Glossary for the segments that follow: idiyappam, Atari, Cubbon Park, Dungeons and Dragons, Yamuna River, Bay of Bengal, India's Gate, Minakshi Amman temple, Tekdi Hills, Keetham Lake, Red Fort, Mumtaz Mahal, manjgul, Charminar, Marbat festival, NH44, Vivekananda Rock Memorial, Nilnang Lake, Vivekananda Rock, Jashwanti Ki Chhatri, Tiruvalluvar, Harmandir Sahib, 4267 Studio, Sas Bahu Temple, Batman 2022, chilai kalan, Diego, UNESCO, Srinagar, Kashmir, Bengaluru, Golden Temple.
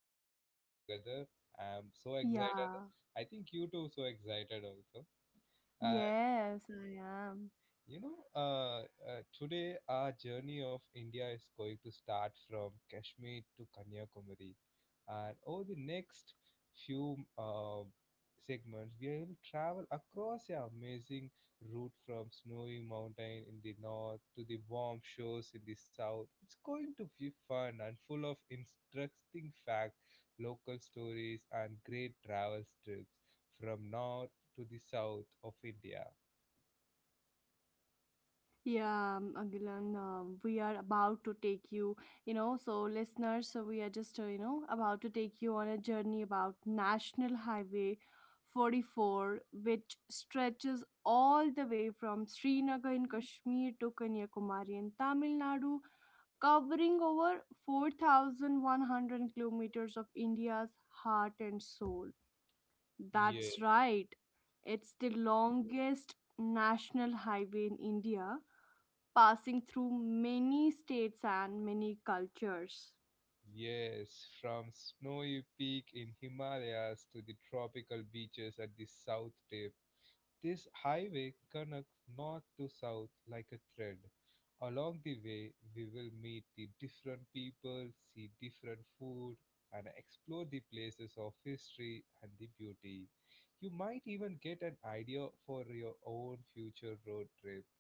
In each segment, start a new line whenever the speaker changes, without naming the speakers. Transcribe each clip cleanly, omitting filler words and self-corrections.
a podcast together. I'm so excited.
Yeah.
I think you too so excited also.
Yes, I am.
Today our journey of India is going to start from Kashmir to Kanyakumari, and over the next few segments, we will travel across an amazing route from snowy mountain in the north to the warm shores in the south. It's going to be fun and full of interesting facts, local stories, and great travel trips from north to the south of India.
Yeah, Agilan, we are about to take you, so listeners, so we are just, about to take you on a journey about National Highway 44, which stretches all the way from Srinagar in Kashmir to Kanyakumari in Tamil Nadu, covering over 4,100 kilometers of India's heart and soul.
Yeah.
That's right, it's the longest national highway in India, passing through many states and many cultures.
Yes, from snowy peak in Himalayas to the tropical beaches at the south tip, this highway connects north to south like a thread. Along the way, we will meet the different people, see different food, and explore the places of history and the beauty. You might even get an idea for your own future road trip.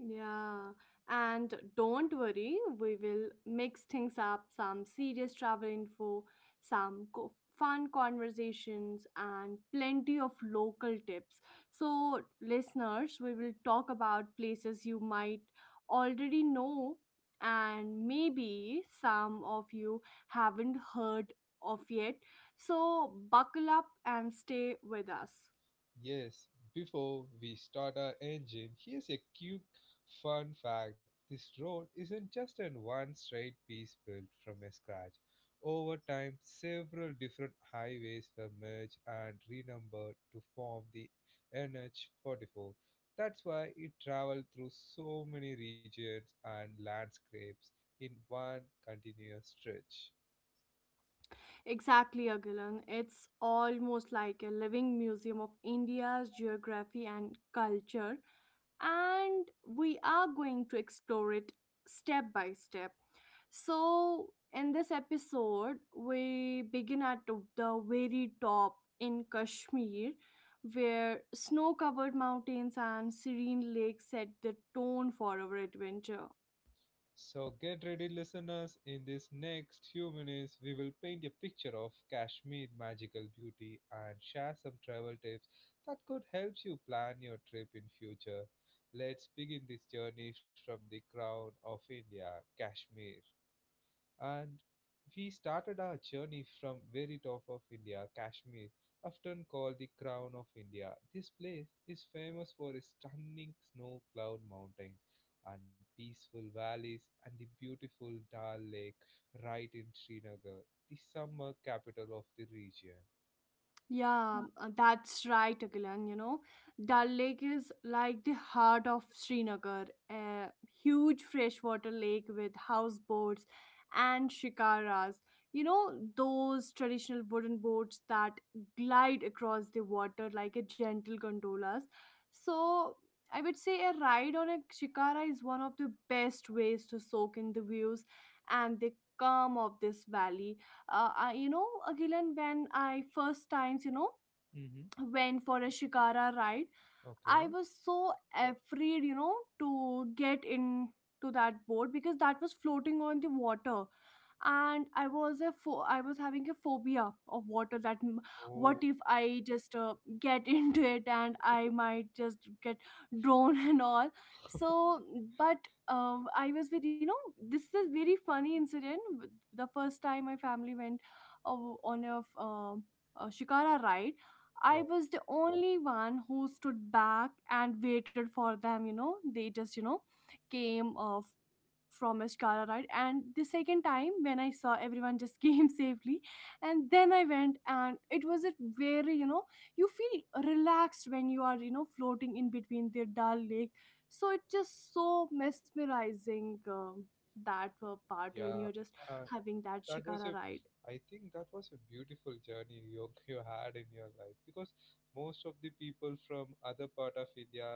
Yeah, and don't worry, we will mix things up, some serious travel info, some fun conversations, and plenty of local tips. So, listeners, we will talk about places you might already know, and maybe some of you haven't heard of yet. So, buckle up and stay with us.
Yes, before we start our engine, here's a cute fun fact. This road isn't just in one straight piece built from a scratch. Over time, several different highways were merged and renumbered to form the NH44. That's why it traveled through so many regions and landscapes in one continuous stretch.
Exactly, Agilan. It's almost like a living museum of India's geography and culture, and we are going to explore it step by step. So, in this episode, we begin at the very top in Kashmir, where snow covered mountains and serene lakes set the tone for our adventure.
So get ready, listeners. In these next few minutes, we will paint a picture of Kashmir magical beauty and share some travel tips that could help you plan your trip in future. Let's begin this journey from the crown of India, Kashmir, and we started our journey from very top of India, Kashmir, often called the crown of India. This place is famous for its stunning snow-cloud mountains and peaceful valleys and the beautiful Dal Lake right in Srinagar, the summer capital of the region.
Yeah, that's right, Akilan. You know, Dal Lake is like the heart of Srinagar, a huge freshwater lake with houseboats and shikaras. You know, those traditional wooden boats that glide across the water like a gentle gondolas. So, I would say a ride on a shikara is one of the best ways to soak in the views and the calm of this valley. Agilan, when I first times,
Mm-hmm.
went for a shikara ride, I
Okay.
was so afraid, you know, to get into that boat because that was floating on the water, and I was having a phobia of water, what
Oh,
if I just get into it and I might just get drawn and all. So but I was with, you know, this is a very funny incident. The first time my family went uh, on a shikara ride, I
yeah,
was the only one who stood back and waited for them, you know. They just, you know, came from a Shikara ride. And the second time when I saw everyone just came safely, and then I went, and it was a very, you know, you feel relaxed when you are, you know, floating in between the Dal Lake. So it's just so mesmerizing, that part
yeah.
when you're just
Uh,
having that
that was a,
Shikara ride.
I think that was a beautiful journey you, you had in your life, because most of the people from other part of India,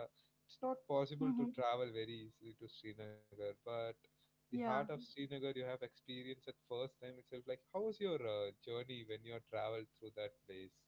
it's not possible to
Hmm.
travel very easily to Srinagar, but the heart
Yeah,
of Srinagar you have experienced at first time itself. Like, how was your journey when you traveled through that place?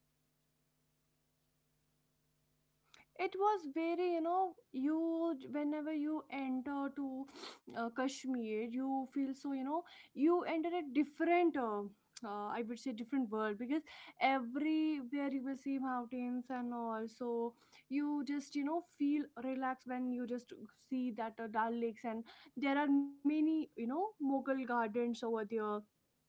it was very, you know, you whenever you enter to Kashmir, you feel, so, you know, you enter a different, I would say different world, because everywhere you will see mountains and all. So you just, you know, feel relaxed when you just see that, Dal Lakes, and there are many, you know, Mughal gardens over there,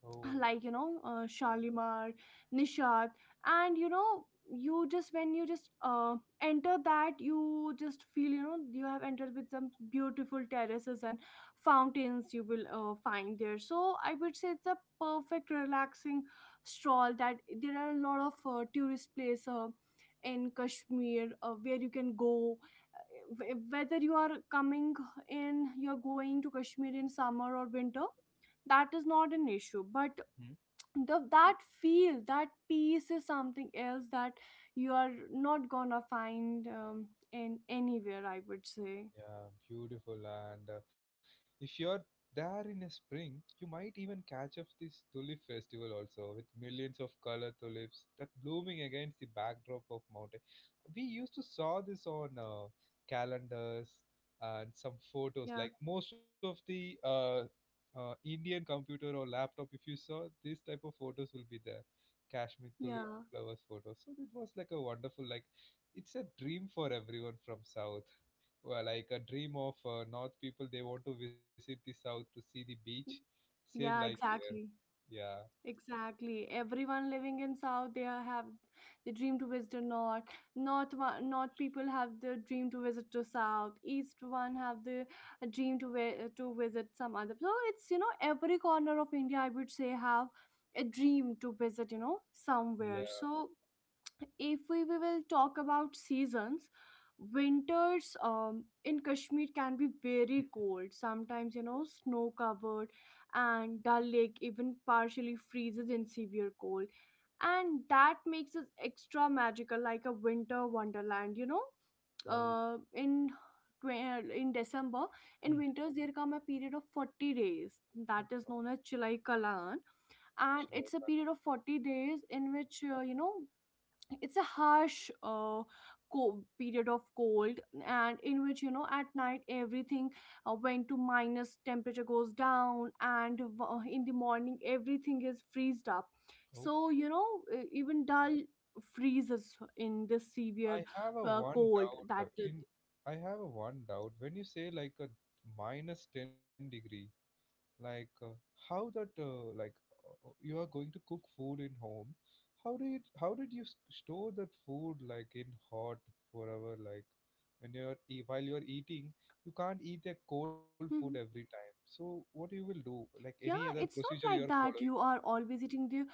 Oh,
like, you know, Shalimar, Nishat, and, you know, you just when you just enter that, you just feel, you know, you have entered with some beautiful terraces and fountains you will find there. So I would say it's a perfect relaxing stroll, that there are a lot of tourist places in Kashmir, where you can go. Whether you are you're going to Kashmir in summer or winter, that is not an issue. But the that feel, that peace is something else that you are not gonna find, in anywhere, I would say.
yeah, beautiful. And if you're there in a spring, you might even catch up this tulip festival also, with millions of color tulips that blooming against the backdrop of mountain. We used to saw this on calendars and some photos.
Yeah,
Like, most of the Indian computer or laptop, if you saw this type of photos will be there. Kashmir tulip
yeah,
flowers photos. So it was like a wonderful, like it's a dream for everyone from south. Well, like a dream of north people, they want to visit the south to see the beach, same like
yeah,
here.
exactly,
Yeah,
exactly. Everyone living in south, have the dream to visit the north. North one, north people have the dream to visit to south. East one have the dream to to visit some other. So it's, you know, every corner of India, I would say, have a dream to visit, you know,
yeah.
somewhere. So, if we will talk about seasons, winters, in Kashmir can be very cold sometimes, you know, snow covered, and Dal Lake even partially freezes in severe cold, and that makes it extra magical, like a winter wonderland, you know.
Oh.
Uh, in twe- in December, in
Hmm.
winters, there come a period of 40 days
Okay.
that is known as chilai kalan.
Sri
And
Lanka.
it's a period of 40 days in which, you know, it's a harsh, period of cold, and in which, you know, at night everything went to minus temperature, goes down. And in the morning, everything is freezed up. So,
Okay.
you know, even Dal freezes in this severe
i have a one
cold.
doubt uh,
That...
in I have a one doubt when you say like a minus 10 degree. like uh, how that you are going to cook food in home? How do you, how did you store that food, like, in hot forever? Like, when while you're eating, you can't eat a cold food every
Mhm.
time. So what you will do, like any
Yeah,
other
it's
procedure you
not
are
like that
following?
you are always eating the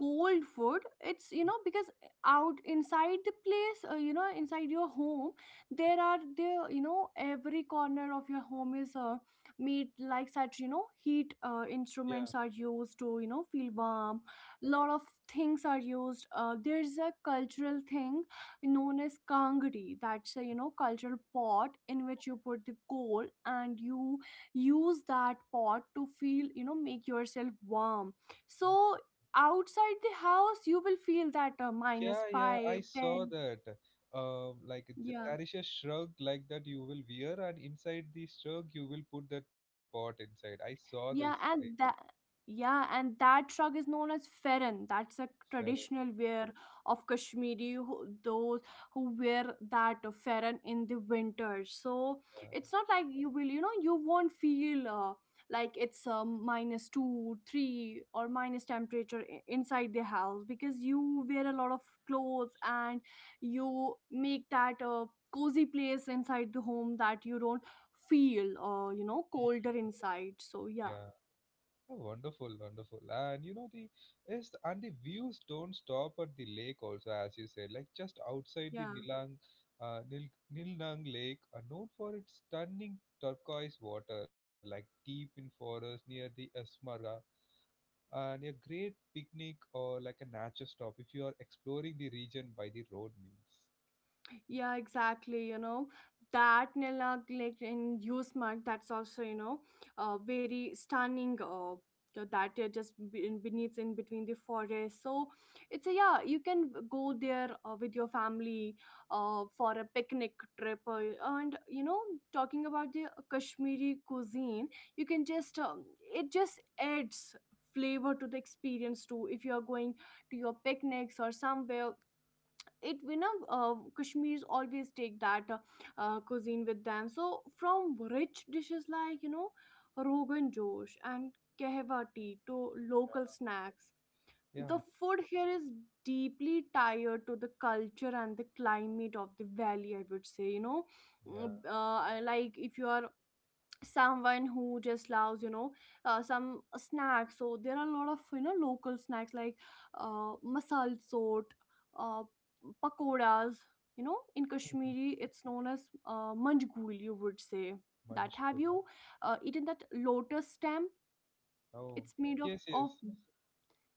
cold food. It's, you know, because out inside the place, you know, inside your home, there are the, you know, every corner of your home is, made like such, you know, heat
Yeah.
instruments are used to, you know, feel warm. Lot of things are used. There's a cultural thing known as kangri. That's a, you know, cultural pot in which you put the coal, and you use that pot to feel, you know, make yourself warm. So
Okay.
outside the house you will feel that, minus
Yeah, yeah, I
5
saw
ten.
that. Like,
Yeah
there is a shrug like that you will wear, and inside the shrug you will put that pot inside. I saw this
Yeah,
thing.
and that shrug is known as Feran. That's a
Fella.
traditional wear of Kashmiri, who, those who wear that Feran in the winter. So it's not like you will, you know, you won't feel, like it's, minus two, three, or minus temperature inside the house, because you wear a lot of clothes, and you make that cozy place inside the home, that you don't feel, you know, colder inside. So
Yeah.
yeah.
Oh, wonderful, wonderful. And you know the is, and the views don't stop at the lake also, as you said, like just outside the
Yeah,
Nilang, uh, Nil Nilnang Lake, are known for its stunning turquoise water, like deep in forest near the Esmarga, and a great picnic or like a nature stop if you are exploring the region by the road means.
yeah, exactly. You know, that neglect in use mark, that's also, you know, very stunning. So that just beneath, in between the forest. So it's a, yeah, you can go there with your family for a picnic trip. And you know, talking about the Kashmiri cuisine, you can just, it just adds flavor to the experience too. If you are going to your picnics or somewhere, it, we know, Kashmiris always take that cuisine with them. So from rich dishes like, you know, rogan josh and kahwa tea to local snacks, the
Yeah,
food here is deeply tied to the culture and the climate of the valley, I would say, you know.
yeah.
Mm, I, like if you are someone who just loves, you know, some snacks, so there are a lot of, you know, local snacks like masal sort, uh, pakoras. You know, in
Mhm.
Kashmiri, it's known as, manjgul, you would say. That, have
Manchkoli.
you eaten that lotus stem?
Oh,
it's made
yes,
up
yes.
of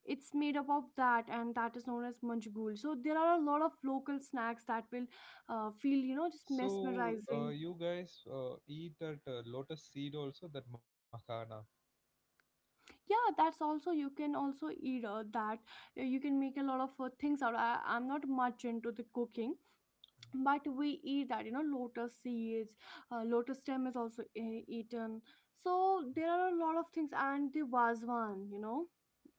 it's made up of that, and that is known as manjgul. So there are a lot of local snacks that will feel, you know, just
So
mesmerizing.
you guys eat that lotus seed also, that makhana.
Yeah, that's also, you can also eat that. You can make a lot of things out. I'm not much into the cooking, but we eat that, you know, lotus seeds. Lotus stem is also eaten. So there are a lot of things. And the wazwan, you know,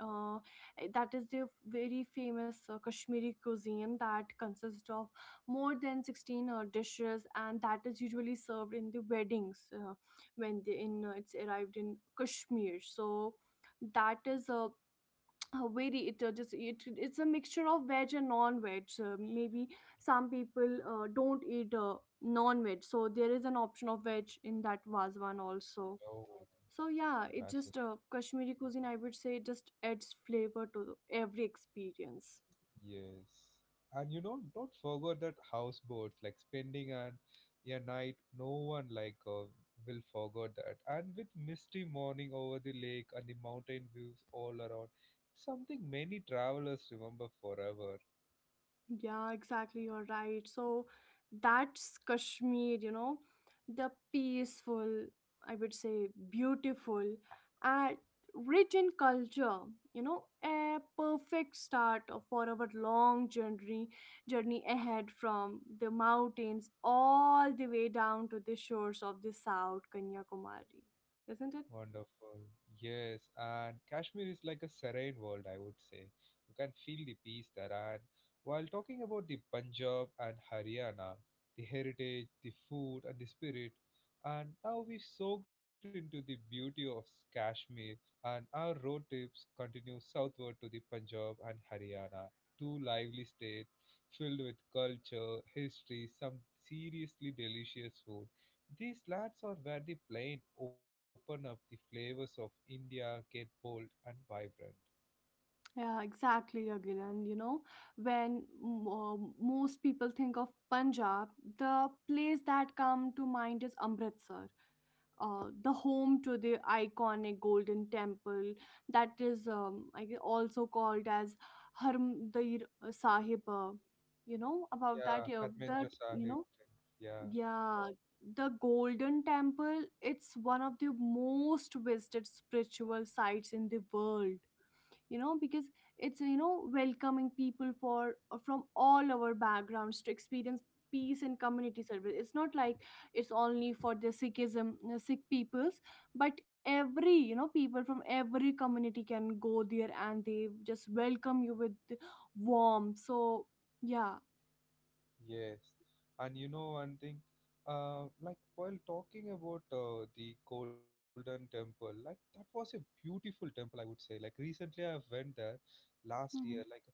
uh, that is the very famous Kashmiri cuisine that consists of more than 16 dishes, and that is usually served in the weddings, when they in, it's arrived in Kashmir. So that is a, very, it, it's a mixture of veg and non-veg. Maybe some people don't eat non-veg, so there is an option of veg in that vazwan also.
Oh,
So yeah, it just,
fascinating.
Kashmiri cuisine, I would say, just adds flavor to every experience.
Yes. And you know, don't forget that houseboats, like spending an a night, no one like will forget that. And with misty morning over the lake and the mountain views all around, something many travelers remember forever.
Yeah, exactly. You're right. So that's Kashmir, you know, the peaceful, I would say beautiful, and rich in culture. You know, a perfect start for our long journey ahead, from the mountains all the way down to the shores of the South Kanyakumari. Isn't it?
Wonderful. Yes, and Kashmir is like a serene world, I would say. You can feel the peace there. And while talking about the Punjab and Haryana, the heritage, the food, and the spirit, and now we soaked into the beauty of Kashmir, and our road trips continue southward to the Punjab and Haryana, two lively states filled with culture, history, some seriously delicious food. These lads are where the plain open up, the flavors of India get bold and vibrant.
Yeah, exactly, Agilan. You know, when most people think of Punjab, the place that come to mind is Amritsar, the home to the iconic Golden Temple, that is, also called as Harmandir Sahib. You know about
Yeah,
that?
Harmendra
That, you
Sahib.
know,
Yeah.
yeah, the Golden Temple. It's one of the most visited spiritual sites in the world because it's welcoming people for from all our backgrounds to experience peace and community service. It's not like it's only for the sikhism sikh peoples, but every people from every community can go there and they just welcome you with warmth, so yeah.
Yes, and you know one thing, like while talking about the Golden Temple, like that was a beautiful temple, I would say. Like, recently I went there last
Hmm.
year. Like,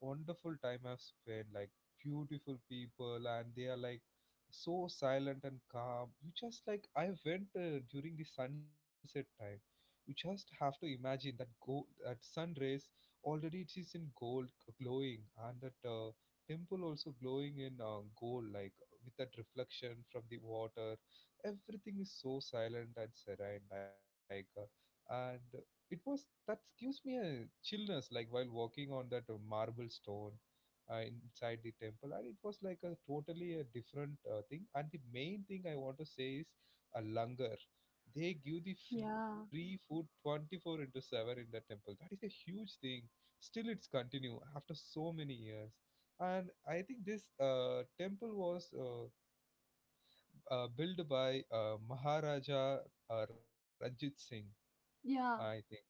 wonderful time I've spent. Like, beautiful people, and they are like so silent and calm. You just, like I went during the sunset time. You just have to imagine that go that sun rays, already it is in gold glowing, and that temple also glowing in gold, like with that reflection from the water. Everything is so silent and serene, like, and it was that gives me a chillness, like while walking on that marble stone inside the temple, and it was like a totally a different thing. And the main thing I want to say is a langar. They give the free
Yeah,
food 24 into 7 in that temple. That is a huge thing. Still it's continue after so many years, and I think this temple was built by Maharaja Ranjit Singh, I
yeah,
think. Yeah.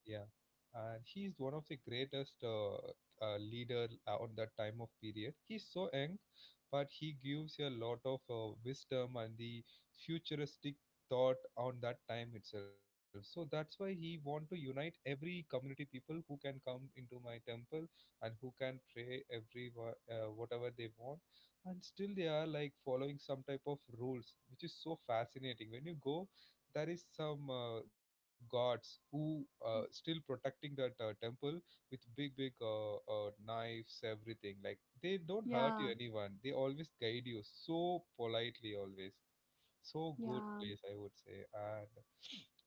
And he's one of the greatest leader on that time of period. He's so young, but he gives you a lot of wisdom and the futuristic thought on that time itself. So that's why he want to unite every community people who can come into my temple and who can pray every whatever they want. And still they are like following some type of rules, which is so fascinating. When you go, there is some gods who still protecting that temple with big big knives, everything. Like, they don't hurt
yeah,
you anyone, they always guide you so politely always. So good
yeah.
place, I would say. and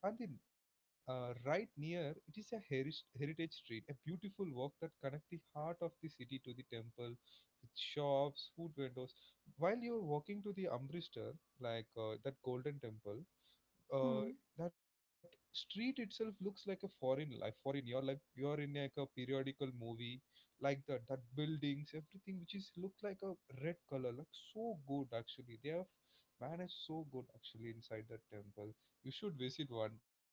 and then right near it is a heritage street, a beautiful walk that connect the heart of the city to the temple, with shops, food vendors. While you're walking to the Amritsar, like that Golden Temple, uh,
Hmm.
that street itself looks like a foreign life foreign. You're like you're in like a periodical movie like that. That buildings, everything which is look like a red color, like so good. Actually they have managed so good actually. Inside that temple, you should visit one time.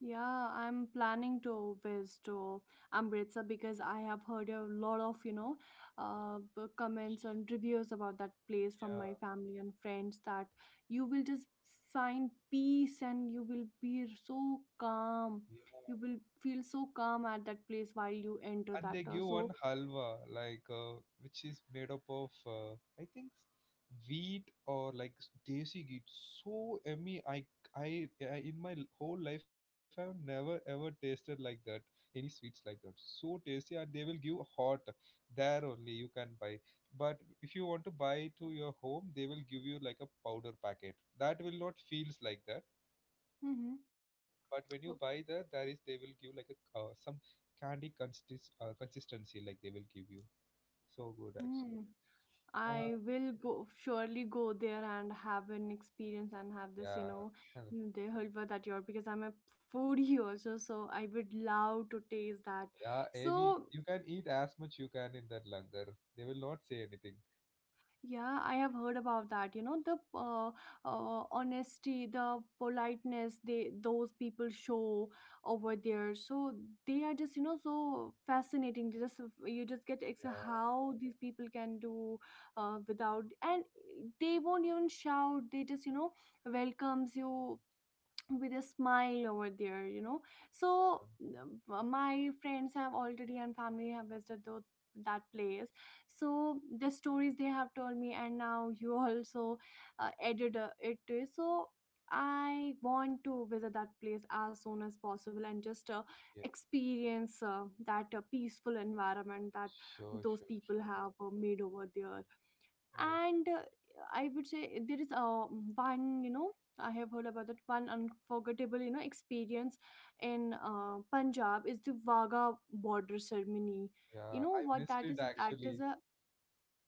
Yeah, I'm planning to visit to Amritsar because I have heard a lot of, comments and reviews about that place from my
Yeah,
family and friends, that you will just find peace and you will be so
yeah.
calm. You will feel so calm at that place while you enter
And
that.
they
uh,
give one
So,
halwa, like which is made up of uh, I think wheat or like desi ghee. It's so yummy. I I in my whole life I've never ever tasted like that, any sweets like that so tasty. And they will give hot, there only you can buy. But if you want to buy to your home, they will give you like a powder packet that will not feels like that.
mm-hmm.
But when you buy the, there is, they will give like a some candy consistency like they will give you. So good actually.
I
Uh,
will go, surely go there and have an experience and have this,
yeah,
mm,
huh,
the halwa that you're, because I'm a foodie also, so I would love to taste that.
yeah. Any
So
you can eat as much you can in that langar. They will not say anything.
yeah, I have heard about that. You know, the honesty, the politeness they those people show over there. So they are just, so fascinating. They just, you just get ex-
Yeah,
how these people can do without, and they won't even shout. They just, welcomes you with a smile over there, you know
yeah,
so my friends have already and family have visited tho- that place, so the stories they have told me, and now you also added it to it. So I want to visit that place as soon as possible and just
yes.
experience that peaceful environment that
Sure,
those
sure,
people
sure.
have made over there.
Yes.
And I would say there is one, I have heard about that one unforgettable experience in Punjab is the Vaga Border Ceremony. You
Yeah,
know
I
what
missed
that
it
is? That is
actually.
a,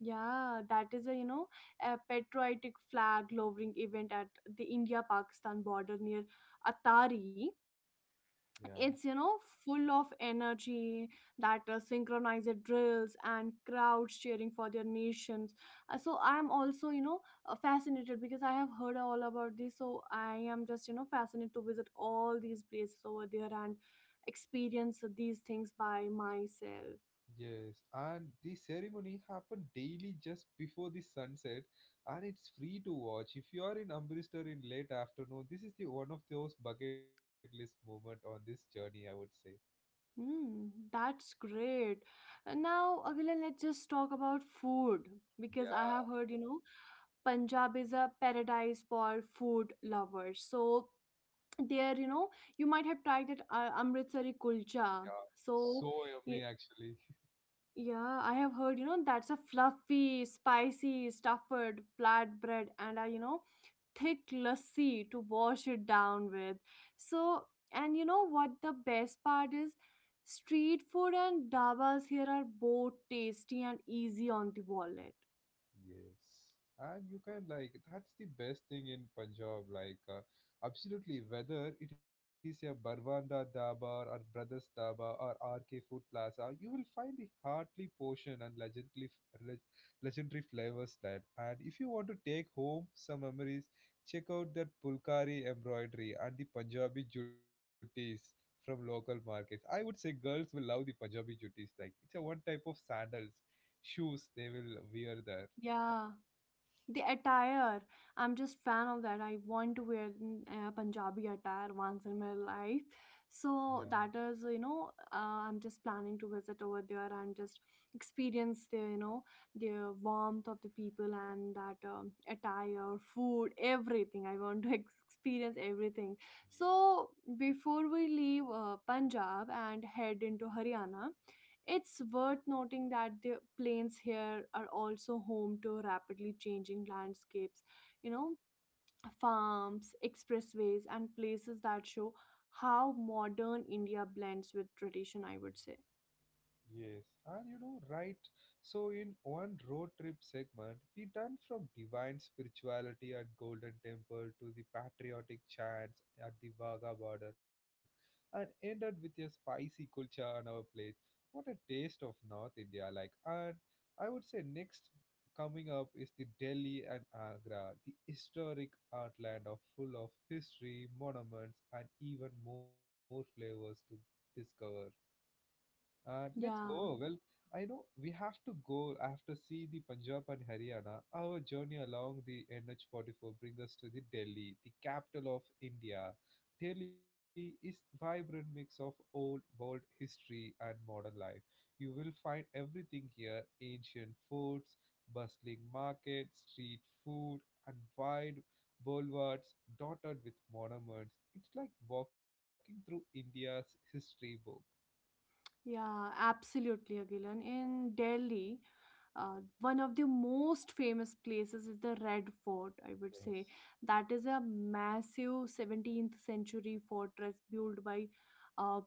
yeah, that is a, a patriotic flag lowering event at the india pakistan border near Atari.
Yeah.
It's, full of energy, that synchronized drills and crowds cheering for their nations. So I'm also, fascinated, because I have heard all about this, so I am just, fascinated to visit all these places over there and experience these things by myself.
Yes, and the ceremony happened daily just before the sunset, and it's free to watch. If you are in Amritsar in late afternoon, this is the one of those bucket list moment on this journey, I would say.
Hmm, that's great. And now, Aguilar, let's just talk about food, because I have
Yeah,
heard, Punjab is a paradise for food lovers. So, there, you might have tried that amritsari
yeah,
kulcha.
so
So
yummy
y-
actually.
yeah, I have heard, that's a fluffy spicy stuffed flatbread and a, thick lassi to wash it down with. So, and you know what the best part is? Street food and dabas here are both tasty and easy on the wallet.
Yes. And you can like that's the best thing in Punjab. Like, absolutely, whether it is a Barwanda Dhaba or Brothers Dhaba or RK Food Plaza, you will find the heartly portion and legendary flavors that. And if you want to take home some memories, check out that Pulkari embroidery and the Punjabi juttis from local markets. I would say girls will love the Punjabi juttis. Like, it's a one type of sandals shoes they will wear there.
Yeah, the attire, I'm just fan of that. I want to wear Punjabi attire once in my life.
Yeah,
So that is, I'm just planning to visit over there and just experience the, the warmth of the people and that attire, food, everything. I want to ex- experience everything. So before we leave Punjab and head into Haryana, it's worth noting that the plains here are also home to rapidly changing landscapes, you know, farms, expressways, and places that show how modern India blends with tradition, I would say.
yeah, yes. And you know, right? So, in one road trip segment, we done from divine spirituality at Golden Temple to the patriotic chants at the Wagah border, and ended with a spicy kulcha on our plate. What a taste of North India! Like, and I would say next coming up is the Delhi and Agra, the historic heartland of full of history, monuments, and even more flavors to discover. Let's
Yeah,
go. Well, I know we have to go. I have to see the Punjab and Haryana. Our journey along the NH44 brings us to the Delhi, the capital of India. Delhi is vibrant mix of old world history and modern life. You will find everything here: ancient forts, bustling markets, street food, and wide boulevards dotted with monuments. It's like walking through India's history book.
yeah, absolutely, Agilan. In Delhi, one of the most famous places is the Red Fort, I would say.
Yes.
That is a massive 17th century fortress built by uh,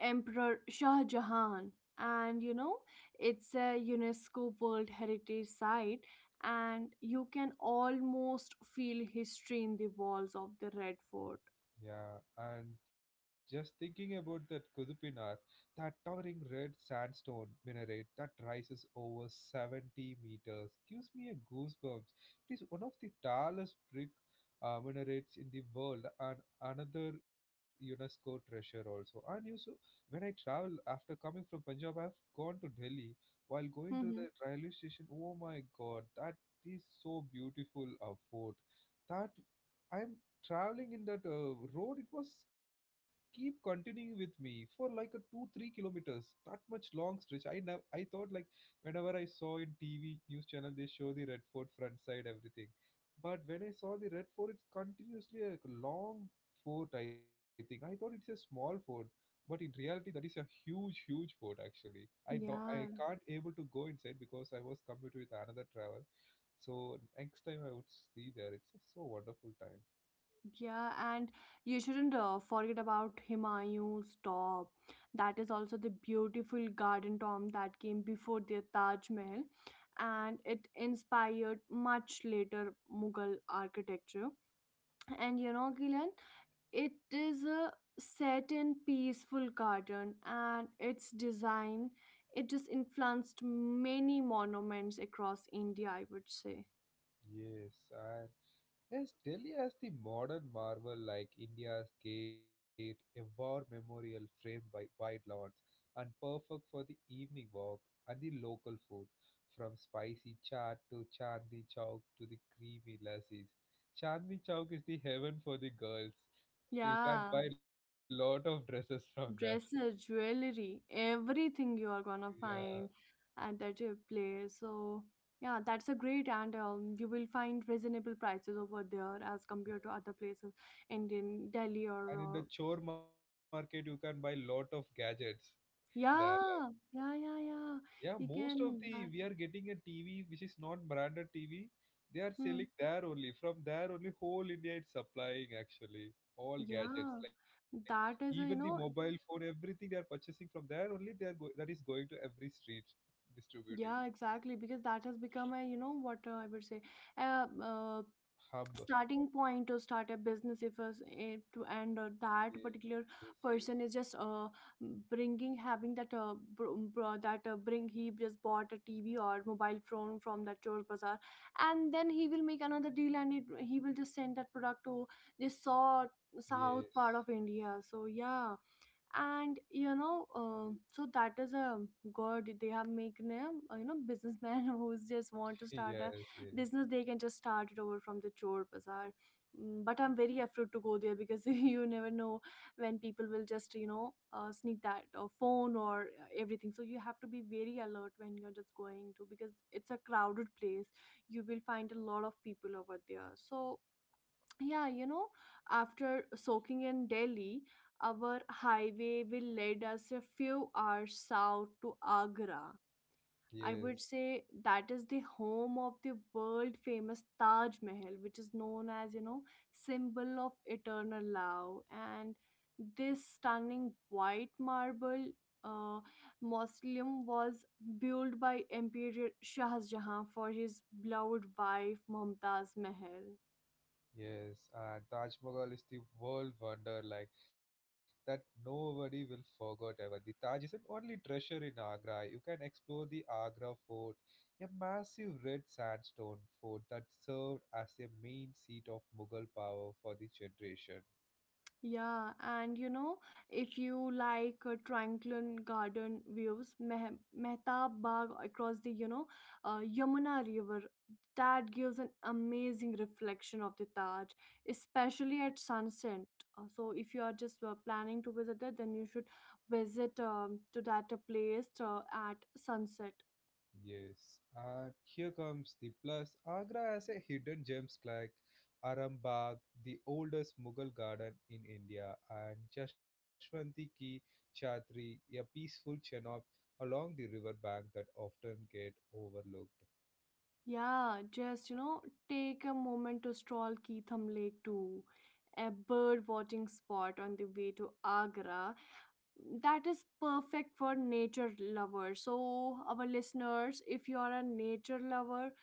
Emperor Shah Jahan. And you know, it's a UNESCO World Heritage Site, and you can almost feel history in the walls of the Red Fort.
Yeah, and just thinking about that Kudupinar, that towering red sandstone minaret that rises over 70 meters gives me a goosebumps. It is one of the tallest brick minarets in the world and another UNESCO treasure also. And you so when I travel after coming from Punjab, I've gone to Delhi while going to
Hmm.
the railway station. Oh my God, that is so beautiful a fort. That I'm traveling in that road, it was keep continuing with me for like a 2 3 kilometers, that much long stretch. I never i thought like, whenever I saw in tv news channel, they show the red fort front side everything. But when I saw the red fort, it's continuously a long fort. I thought it's a small fort, but in reality that is a huge huge fort actually. I
Yeah,
can't able to go inside because I was committed with another travel. So next time I would see there. It's a so wonderful time.
yeah, and you shouldn't forget about Humayun's tomb. That is also the beautiful garden tomb that came before the Taj Mahal, and it inspired much later Mughal architecture. And you know, Gillian, it is a set in peaceful garden and its design, it just influenced many monuments across India, I would say.
Yes, and yes, Delhi has the modern marvel like India's Gate, a war memorial framed by wide lawns, and perfect for the evening walk and the local food, from spicy chaat to chandni chowk to the creamy lassis. Chandni chowk is the heaven for the girls. You can
Yeah,
buy lot of dresses from there.
dresses, jewelry, everything you are gonna
Yeah,
find at that place. So yeah, that's a great. And you will find reasonable prices over there as compared to other places, and in Delhi or
and in the chore market you can buy lot of gadgets there. Like,
yeah, yeah, yeah, yeah.
yeah,
You
most of
can buy.
the we are getting a TV which is not branded TV. They are
Hmm.
selling there only. From there only, whole India is supplying actually all gadgets
Yeah,
like even the
that is a, you
mobile
know,
phone, everything they are purchasing from there only. That is going to every street distributing
yeah, exactly, because that has become a, you know, what I would say, a
hub.
starting point to start a business if us eh, to. And that particular
Yes,
person is just bringing, having that br br that bring he just bought a TV or mobile phone from that Chor Bazaar, and then he will make another deal and it, he will just send that product to this south part
yes,
of India. So yeah, and you know, so that is a god they have made him, businessman who's just want to
yes,
start a
yes, yes,
business, they can just start it over from the chore bazaar. Mm, but I'm very afraid to go there, because you never know when people will just, sneak that phone or everything, so you have to be very alert when you're just going to, because it's a crowded place. You will find a lot of people over there. So yeah, after soaking in Delhi, our highway will lead us a few hours south to Agra. I
yes.
would say that is the home of the world famous Taj Mahal, which is known as, symbol of eternal love. And this stunning white marble uh, mausoleum was built by Emperor Shah Jahan for his beloved wife Mumtaz Mahal.
Yes, and Taj Mahal is the world wonder like that nobody will forget ever. The Taj isn't only treasure in Agra. You can explore the Agra Fort, a massive red sandstone fort that served as a main seat of Mughal power for the generation.
Yeah, and you know, if you like tranquil garden views, Mehtab Bagh across the, Yamuna River, that gives an amazing reflection of the Taj, especially at sunset. So if you are just planning to visit it, then you should visit to that place at sunset.
Yes, and here comes the plus. Agra has a hidden gems like Arambagh, the oldest Mughal garden in India, and Jashwanti Ki Chhatri, a peaceful chenop along the river bank that often get overlooked.
Yeah, just you know, take a moment to stroll Keetham Lake too, a bird watching spot on the way to Agra. That is perfect for nature lovers. So, our listeners, if you are a nature lover,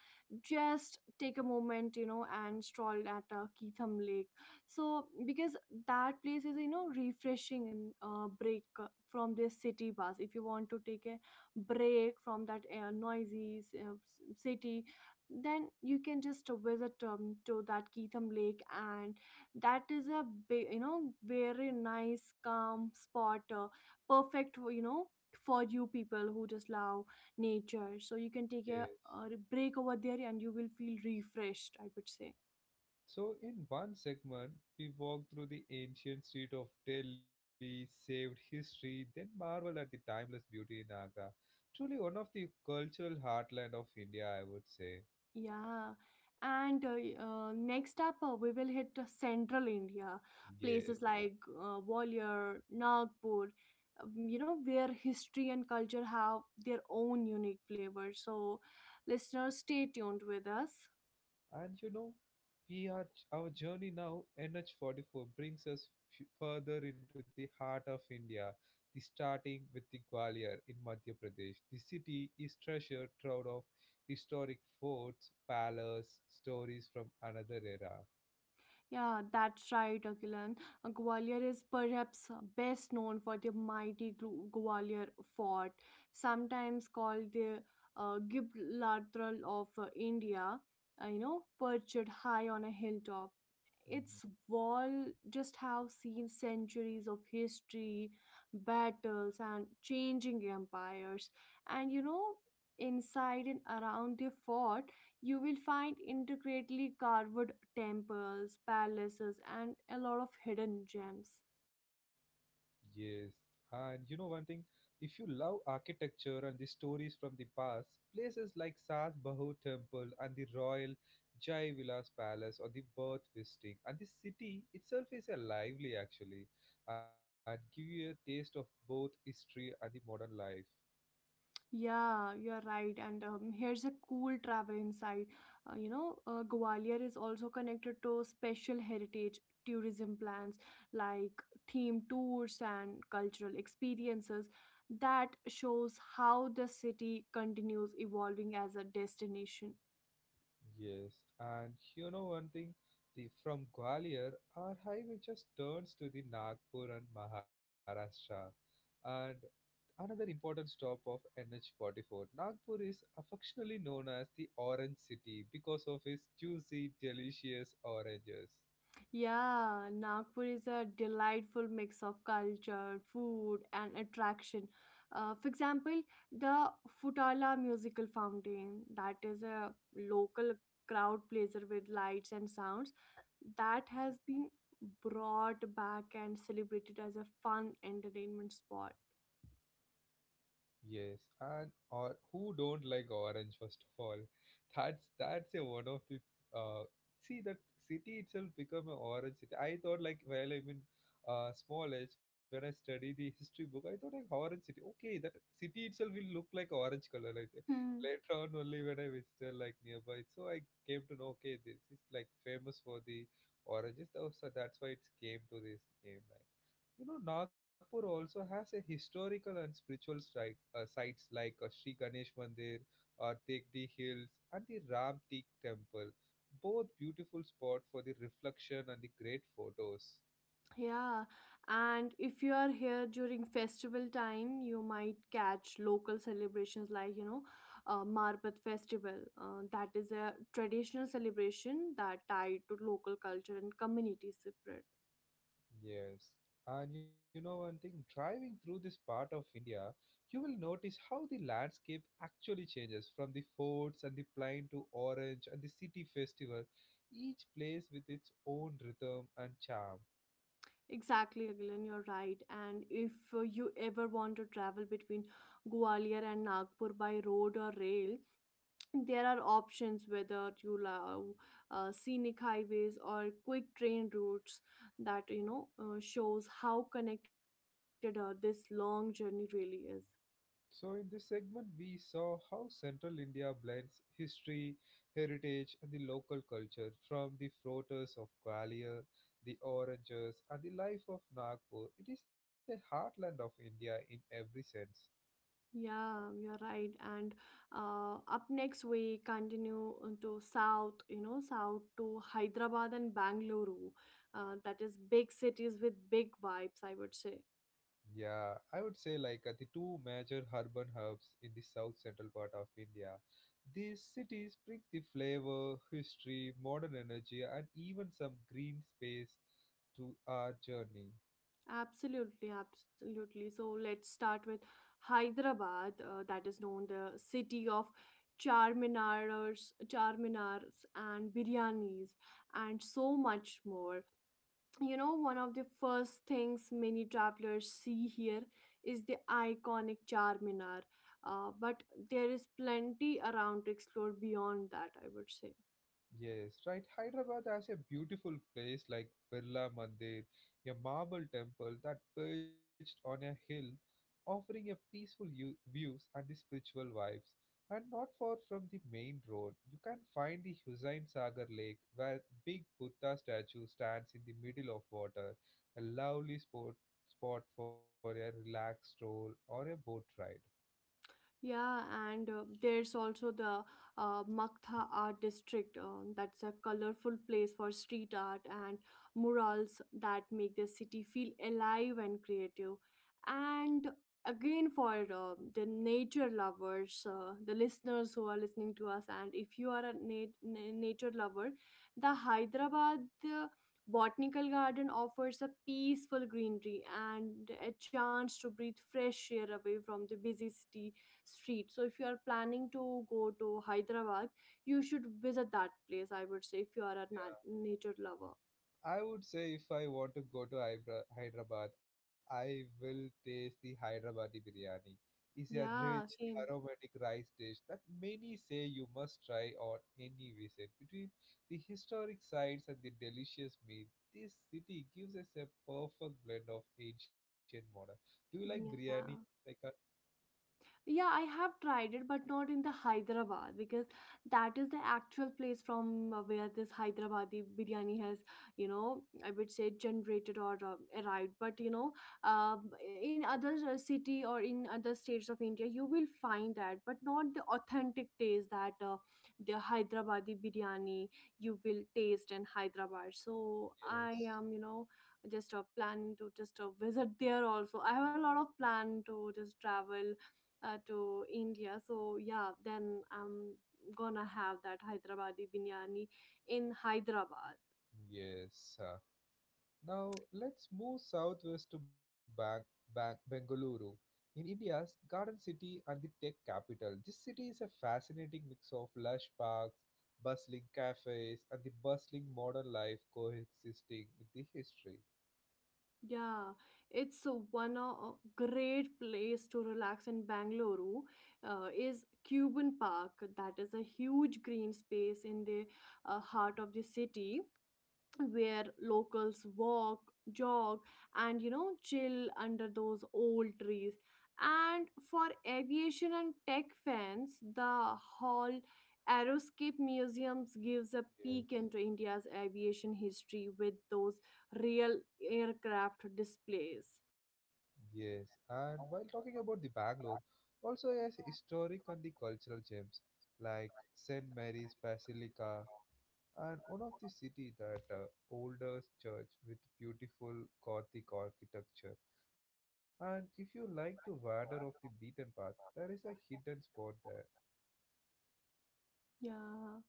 just take a moment, and stroll at Keetham Lake. So, because that place is, refreshing, and break from this city bus. If you want to take a break from that noisy city, then you can just visit to that Keetham Lake, and that is a big, you know, very nice calm spot, perfect for, for you people who just love nature. So you can take
Yes.
a break over there, and you will feel refreshed, I would say.
So, in one segment, we walk through the ancient street of Delhi, saved history, then marvel at the timeless beauty in Agra. Truly one of the cultural heartland of India, I would say.
Yeah, and next up we will hit central India,
Yes,
places like Gwalior, Nagpur, where history and culture have their own unique flavor. So, listeners, stay tuned with us.
and you know, we are our journey now. NH44 brings us further into the heart of India. The starting with the Gwalior in Madhya Pradesh. The city is treasure trove of historic forts, palaces, stories from another era.
Yeah, that's right, Akilan. Gwalior is perhaps best known for the mighty Gwalior Fort, sometimes called the Gibraltar of India, perched high on a hilltop. Its walls just have seen centuries of history, battles, and changing empires. And you know, inside and around the fort, you will find intricately carved temples, palaces, and a lot of hidden gems.
Yes, and you know one thing, if you love architecture and the stories from the past, places like Sas Bahu Temple and the Royal Jai Vilas Palace or the Birth Visiting, and the city itself is a lively actually and give you a taste of both history and the modern life.
Yeah, you're right. And here's a cool travel insight. Gwalior is also connected to special heritage tourism plans like themed tours and cultural experiences. That shows how the city continues evolving as a destination.
Yes, and you know one thing, the from Gwalior our highway just turns to the Nagpur and Maharashtra. And another important stop of NH44, Nagpur is affectionately known as the Orange City because of its juicy, delicious oranges.
Yeah, Nagpur is a delightful mix of culture, food, and attraction. For example, the Futala Musical Fountain, that is a local crowd pleaser with lights and sounds, that has been brought back and celebrated as a fun entertainment spot.
Yes, and or who don't like orange first of all? That's a one of the uh see that city itself become an orange city. I thought like, well, small age when I study the history book, I thought like orange city, okay, that city itself will look like orange color like that.
Hmm.
Later on only when I visited like nearby, so I came to know, okay, this is like famous for the oranges, though. So that's why it came to this name. Like, you know, Nagpur also has a historical and spiritual side, sites like Sri Ganesh Mandir or Tekdi Hills and the Ram Teek Temple. Both beautiful spot for the reflection and the great photos.
Yeah, and if you are here during festival time, you might catch local celebrations like, Marbat festival. That is a traditional celebration that tied to local culture and community spirit.
Yes. And you know one thing, driving through this part of India, you will notice how the landscape actually changes from the forts and the plain to orange and the city festival, each place with its own rhythm and charm.
Exactly, Agilan, you're right. And if you ever want to travel between Gwalior and Nagpur by road or rail, there are options, whether you love scenic highways or quick train routes, that you know shows how connected this long journey really is.
So, in this segment, we saw how central India blends history, heritage, and the local culture from the frotters of Gwalior, the oranges, and the life of Nagpur. It is a heartland of India in every sense.
Yeah, you're right. And up next we continue to south, you know, south to Hyderabad and Bangalore, that is big cities with big vibes, I would say.
Yeah, I would say like the two major urban hubs in the south central part of India. These cities bring the flavor, history, modern energy, and even some green space to our journey.
Absolutely, absolutely. So let's start with Hyderabad, that is known the city of charminars and biryanis and so much more. You know, one of the first things many travelers see here is the iconic charminar, but there is plenty around to explore beyond that, I would say.
Yes, right. Hyderabad has a beautiful place like Birla Mandir, a marble temple that perched on a hill, offering a peaceful views and the spiritual vibes. And not far from the main road, you can find the Hussain Sagar Lake, where big Buddha statue stands in the middle of water, a lovely spot for a relaxed stroll or a boat ride.
Yeah, and there's also the Maktha Art District. That's a colorful place for street art and murals that make the city feel alive and creative. And again, for the nature lovers, the listeners who are listening to us, and if you are a nature lover, the Hyderabad. Botanical garden offers a peaceful greenery and a chance to breathe fresh air away from the busy city street. So if you are planning to go to Hyderabad, you should visit that place, I would say, if you are a nature lover.
I would say if I want to go to Hyderabad, I will taste the Hyderabadi biryani. It's a rich,
Yeah, same.
aromatic rice dish that many say you must try on any visit. Between the historic sites and the delicious meat, this city gives us a perfect blend of ancient modern. Do you like biryani?
Yeah.
Like a,
Yeah, I have tried it, but not in the Hyderabad, because that is the actual place from where this Hyderabadi biryani has, you know, I would say generated or arrived. But you know, um in other city or in other states of India, you will find that, but not the authentic taste that the Hyderabadi biryani you will taste in Hyderabad. So I
yes,
am, you know, just planning to just visit there also. I have a lot of plan to just travel to India. So yeah, then I'm gonna have that Hyderabadi biryani in Hyderabad.
yes. Now let's move southwest to Bengaluru. In India's garden city and the tech capital, this city is a fascinating mix of lush parks, bustling cafes, and the bustling modern life coexisting with the history.
Yeah, it's a great place to relax in Bangalore. Is Cuban Park, that is a huge green space in the heart of the city, where locals walk, jog, and you know, chill under those old trees. And for aviation and tech fans, the Hall Aeroscape Museums gives a
Yes.
peek into India's aviation history with those real aircraft displays.
Yes, and while talking about the Bangalore, also has historic and the cultural gems like St. Mary's Basilica, and one of the city that oldest church with beautiful Gothic architecture. And if you like to wander off the beaten path, there is a hidden spot there.
Yeah.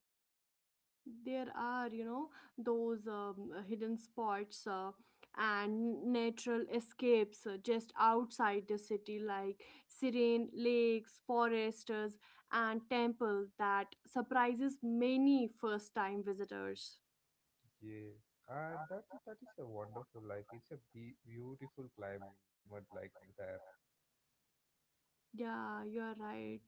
There are, you know, those hidden spots and natural escapes just outside the city, like serene lakes, forests, and temple that surprises many first-time visitors.
Yes, and that is a wonderful, like it's a beautiful climate like there.
Yeah, you're right.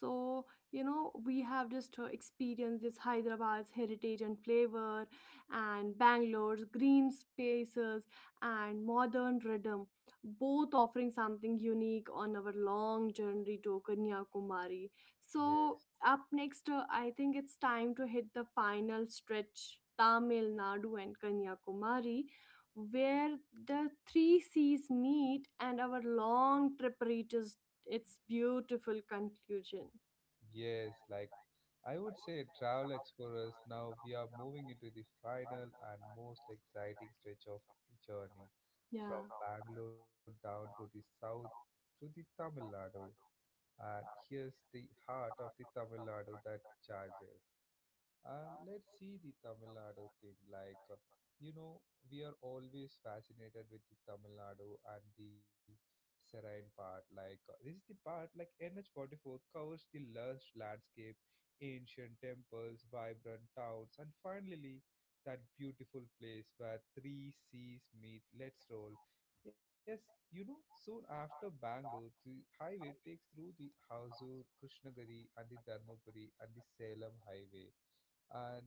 So, you know, we have just experienced this Hyderabad's heritage and flavor, and Bangalore's green spaces and modern rhythm, both offering something unique on our long journey to Kanyakumari. So,
Yes,
up next, I think it's time to hit the final stretch, Tamil Nadu and Kanyakumari. Where the three seas meet and our long trip reaches it's beautiful conclusion.
yes, like I would say travel explorers. Now we are moving into the final and most exciting stretch of the journey from
Yeah.
Bangalore down to the south to the Tamil Nadu. And here's the heart of the Tamil Nadu that charges. And let's see the Tamil Nadu thing. Like, you know, we are always fascinated with the Tamil Nadu and the serene part. Like, this is the part like NH44 covers the lush landscape, ancient temples, vibrant towns, and finally that beautiful place where three seas meet. Let's roll. Yes, you know, soon after Bangalore, the highway takes through the Hausa, Krishnagiri, and the Dharmapuri and the Salem Highway, and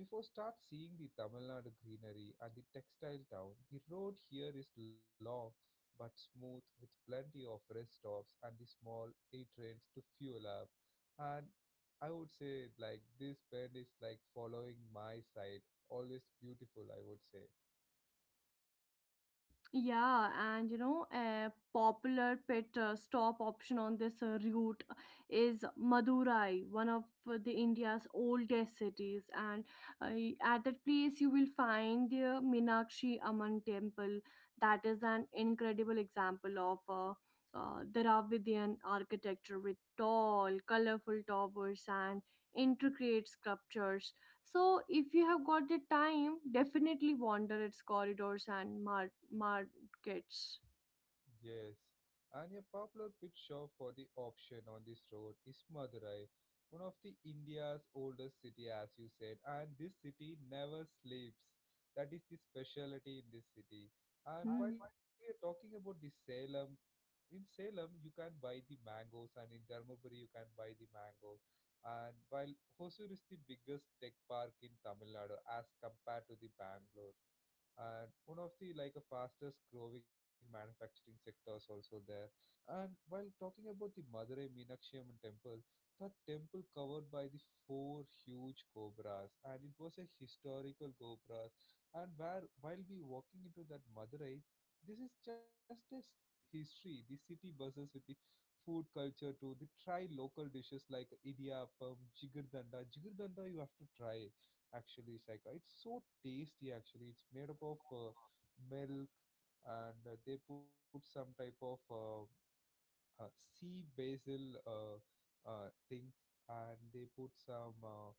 before start seeing the Tamil Nadu greenery and the textile town, the road here is long but smooth with plenty of rest stops and the small A trains to fuel up. And I would say like this bend is like following my side, always beautiful I would say.
Yeah, and you know, a popular pit stop option on this route is Madurai, one of the India's oldest cities. And at that place, you will find the Minakshi Amman temple. That is an incredible example of Dravidian architecture with tall, colorful towers and intricate sculptures. So, if you have got the time, definitely wander its corridors and markets.
Yes, and a popular pit shop for the option on this road is Madurai, one of the India's oldest city, as you said. And this city never sleeps. That is the specialty in this city. And while
Hmm.
we are talking about the Salem, in Salem you can buy the mangoes, and in Dharmaburi you can buy the mangoes. And while Hosur is the biggest tech park in Tamil Nadu as compared to the Bangalore, and one of the like a fastest growing manufacturing sectors also there. And while talking about the madurai meenakshi Amman temple, that temple covered by the four huge cobras, and it was a historical cobras. And where while we walking into that madurai, this is just a history. The city buses with the food culture to the try local dishes like idiyappam, jigardanda. Jigardanda you have to try actually. Saika, it's so tasty actually. It's made up of milk, and they put some type of sea basil uh, things, and they put some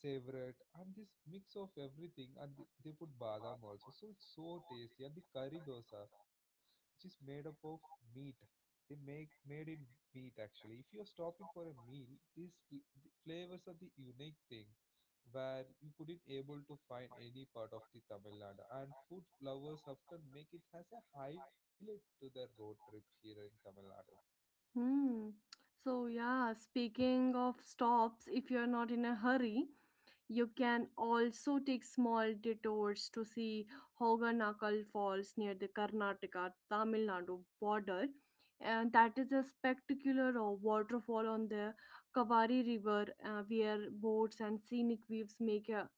savret, and this mix of everything, and they put badam also, so it's so tasty. And the curry dosa, which is made up of meat, they make made in meat actually. If you are stopping for a meal, these the flavors are the unique thing where you couldn't able to find any part of the Tamil Nadu. And food lovers often make it as a highlight to their road trip here in Tamil Nadu.
Hmm. So, yeah, speaking of stops, if you're not in a hurry, you can also take small detours to see Hoganakal Falls near the Karnataka Tamil Nadu border. And that is a spectacular waterfall on the Kavari River, where boats and scenic views make a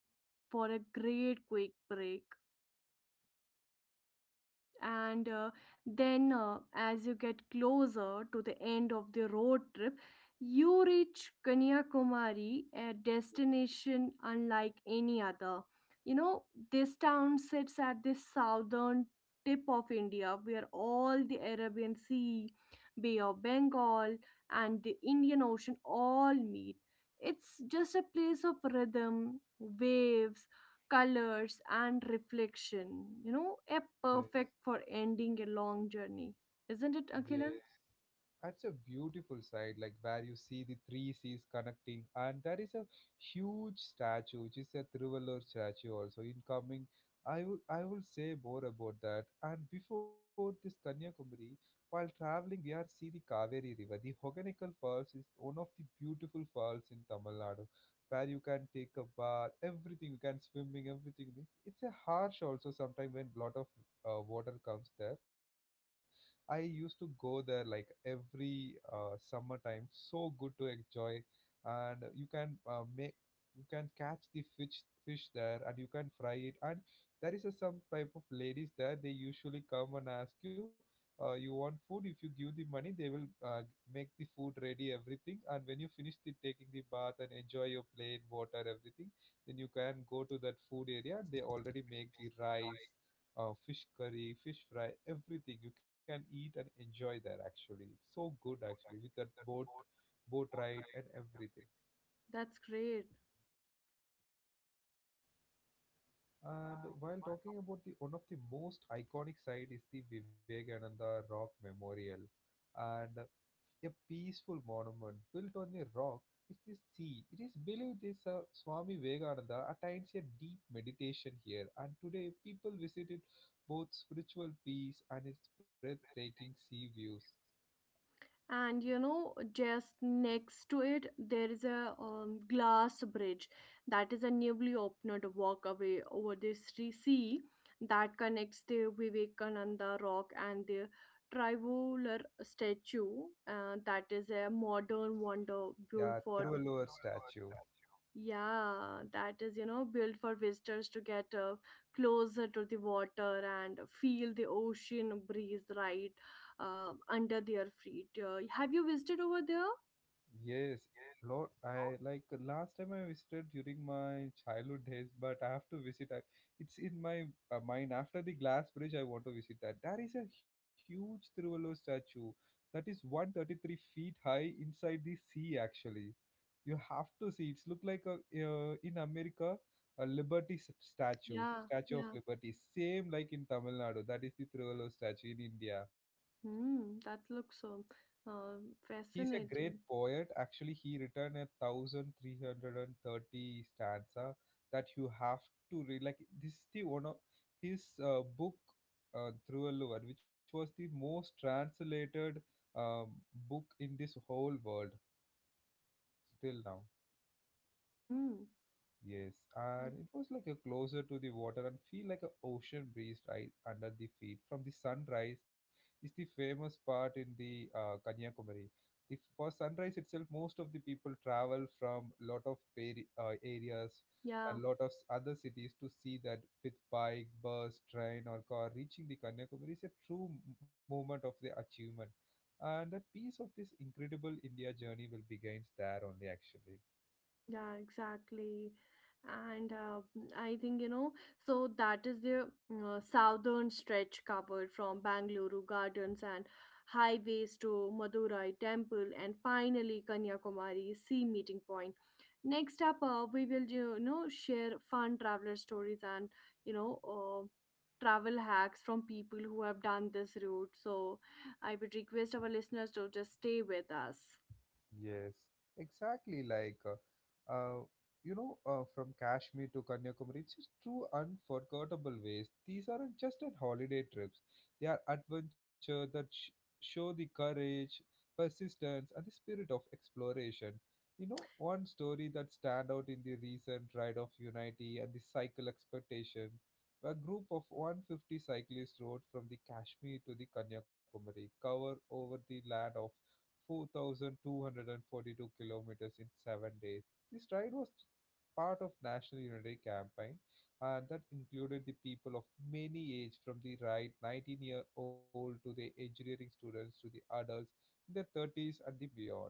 for a great quick break. And then, as you get closer to the end of the road trip, you reach Kanyakumari, a destination unlike any other. You know, this town sits at the southern tip of India where all the Arabian Sea, Bay of Bengal, and the Indian Ocean all meet. It's just a place of rhythm, waves, colors and reflection, you know, a
Yes,
perfect for ending a long journey, isn't it,
yes.
Akilan?
That's a beautiful side, like where you see the three seas connecting, and there is a huge statue, which is a Thiruvalur statue also. In coming, I will say more about that. And before this Kanyakumari, while traveling, we are see the Kaveri River. The Hoganical Falls is one of the beautiful falls in Tamil Nadu, where you can take a bath, everything, you can swimming, everything. It's a harsh also sometimes when lot of water comes there. I used to go there like every summertime. So good to enjoy, and you can make, you can catch the fish there, and you can fry it. And there is a some type of ladies there. They usually come and ask you, "You want food? If you give the money, they will make the food ready, everything. And when you finish the taking the bath and enjoy your plate, water, everything." Then you can go to that food area. They already make the rice, fish curry, fish fry, everything you can eat and enjoy there. Actually, it's so good actually with that boat ride and everything.
That's great.
And while talking about, the one of the most iconic site is the Vivekananda Rock Memorial, and a peaceful monument built on a rock. Is the sea. It is believed this Swami Vivekananda attains a deep meditation here, and today people visit it both spiritual peace and its breathtaking sea views.
And you know, just next to it there is a glass bridge, that is a newly opened walkway over the Sri sea that connects the Vivekananda rock and the Trivolar statue, that is a modern wonder built
Yeah,
for.
Tiruvalluvar statue.
Yeah, that is, you know, built for visitors to get closer to the water and feel the ocean breeze right under their feet. Have you visited over there?
Yes, Lord, I like, last time I visited during my childhood days, but I have to visit. I, it's in my mind. After the glass bridge, I want to visit that. There is a huge Tiruvalluvar statue that is 133 feet high inside the sea, actually. You have to see. It's look like a, in America, a Liberty statue,
Yeah,
Statue of
yeah.
Liberty. Same like in Tamil Nadu. That is the Tiruvalluvar statue in India.
Hmm, that looks so uh,
He's a great
fascinating.
poet. Actually, he written a thousand three hundred and thirty stanza that you have to read. Like, this is the one of his book, Thiruvallur, which was the most translated um, book in this whole world still now.
Hmm,
Yes, and it was like a closer to the water and feel like a ocean breeze right under the feet. From the sunrise is the famous part in the Kanyakumari. The, for sunrise itself, most of the people travel from lot of areas
yeah.
and lot of other cities to see that with bike, bus, train, or car. Reaching the Kanyakumari is a true moment of the achievement, and that piece of this incredible India journey will begins there only actually.
Yeah, exactly. And I think, you know, so that is the southern stretch covered from Bangalore gardens and highways to Madurai temple and finally Kanyakumari sea meeting point. Next up, we will, you know, share fun traveler stories and, you know, travel hacks from people who have done this route. So I would request our listeners to just stay with us.
Yes, exactly. Like, from Kashmir to Kanyakumari, it's just two unforgettable ways. These aren't just at holiday trips; they are adventure that show the courage, persistence, and the spirit of exploration. You know, one story that stand out in the recent Ride of Unity and the Cycle Expectation, a group of 150 cyclists rode from the Kashmir to the Kanyakumari, cover over the land of 4,242 kilometers in 7 days. This ride was part of National Unity Campaign, and that included the people of many age, from the right 19-year-old to the engineering students to the adults in their 30s and the beyond.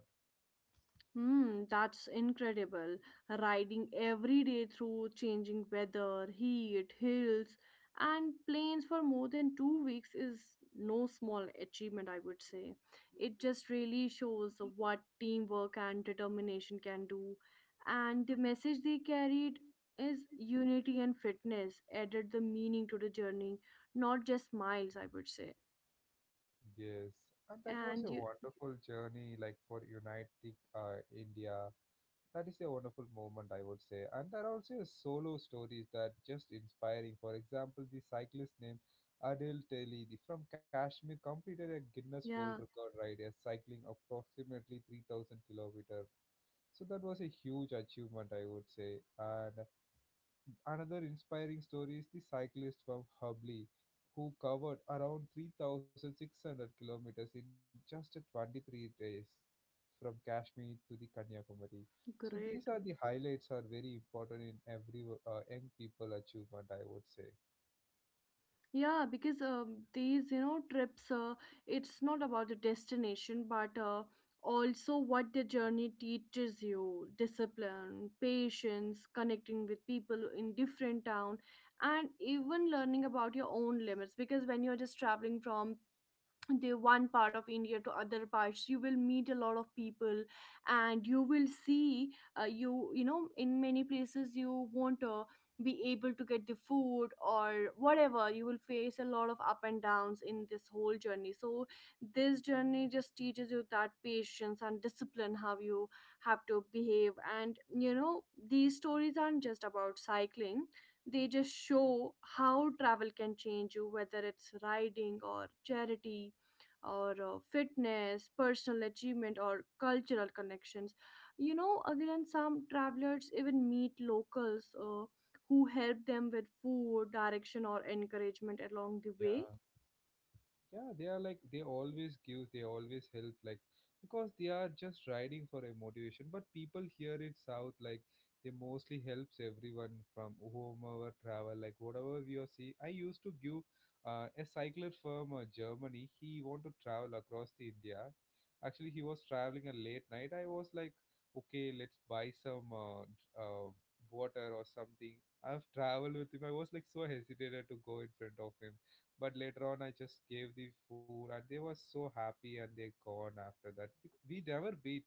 Hmm, that's incredible. Riding every day through changing weather, heat, hills, and plains for more than 2 weeks is no small achievement, I would say. It just really shows what teamwork and determination can do. And the message they carried is unity and fitness added the meaning to the journey, not just miles, I would say.
Yes, and that was
And
a
you,
wonderful journey, like for United India. That is a wonderful moment, I would say. And there are also solo stories that just inspiring. For example, the cyclist named Adil Teli, from Kashmir, completed a Guinness World
yeah,
Record ride, as cycling approximately 3,000 kilometers. So that was a huge achievement, I would say. And another inspiring story is the cyclist from Hubli who covered around 3,600 kilometers in just a 23 days from Kashmir to the Kanyakumari. So
great.
these are the highlights are very important in every young people achievement, I would say.
Yeah, because these, you know, trips, it's not about the destination, but also what the journey teaches you, discipline, patience, connecting with people in different town, and even learning about your own limits. Because when you're just traveling from the one part of India to other parts, you will meet a lot of people and you will see, you know, in many places you won't be able to get the food or whatever. You will face a lot of up and downs in this whole journey, so this journey just teaches you that patience and discipline, how you have to behave. And you know, these stories aren't just about cycling, they just show how travel can change you, whether it's riding or charity or fitness, personal achievement, or cultural connections. You know, again, some travelers even meet locals who help them with food, direction, or encouragement along the way.
Yeah. Yeah, they are like, they always give, they always help, like because they are just riding for a motivation, but people here in south, like, they mostly helps everyone from whomever travel. Like whatever we are see, I used to give a cycler from Germany. He want to travel across the India. Actually, he was traveling a late night. I was like, okay, let's buy some water or something. I've traveled with him. I was like so hesitated to go in front of him, but later on I just gave the food, and they were so happy and they gone after that. We never beat,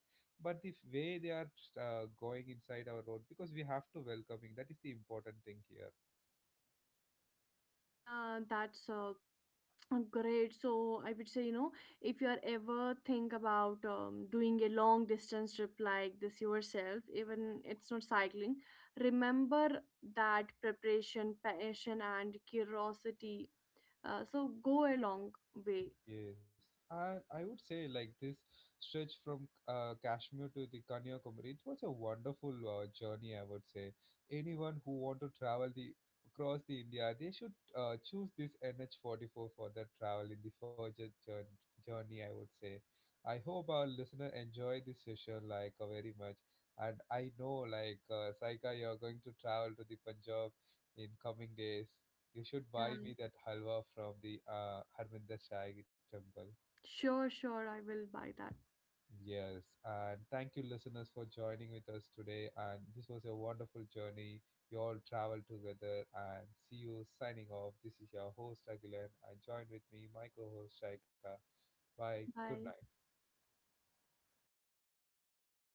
but the way they are going inside our road, because we have to welcoming, that is the important thing here.
Yeah, that's great. So I would say, you know, if you are ever think about doing a long distance trip like this yourself, even it's not cycling, remember that preparation, passion, and curiosity, so go a long way.
Yes, and I would say like this stretch from Kashmir to the Kanyakumari, it was a wonderful journey. I would say anyone who want to travel the across the India, they should choose this NH44 for their travel in the further journey, I would say. I hope our listener enjoy this session like very much, and I know like, Saika, you're going to travel to the Punjab in coming days. You should buy
Yeah,
me that halwa from the Harminder Shai temple.
sure, sure. I will buy that.
Yes, and thank you, listeners, for joining with us today. And this was a wonderful journey. We all traveled together, and see you signing off. This is your host, Aguilan, and join with me, my co host, Shaika. Bye. Good
Bye.
night.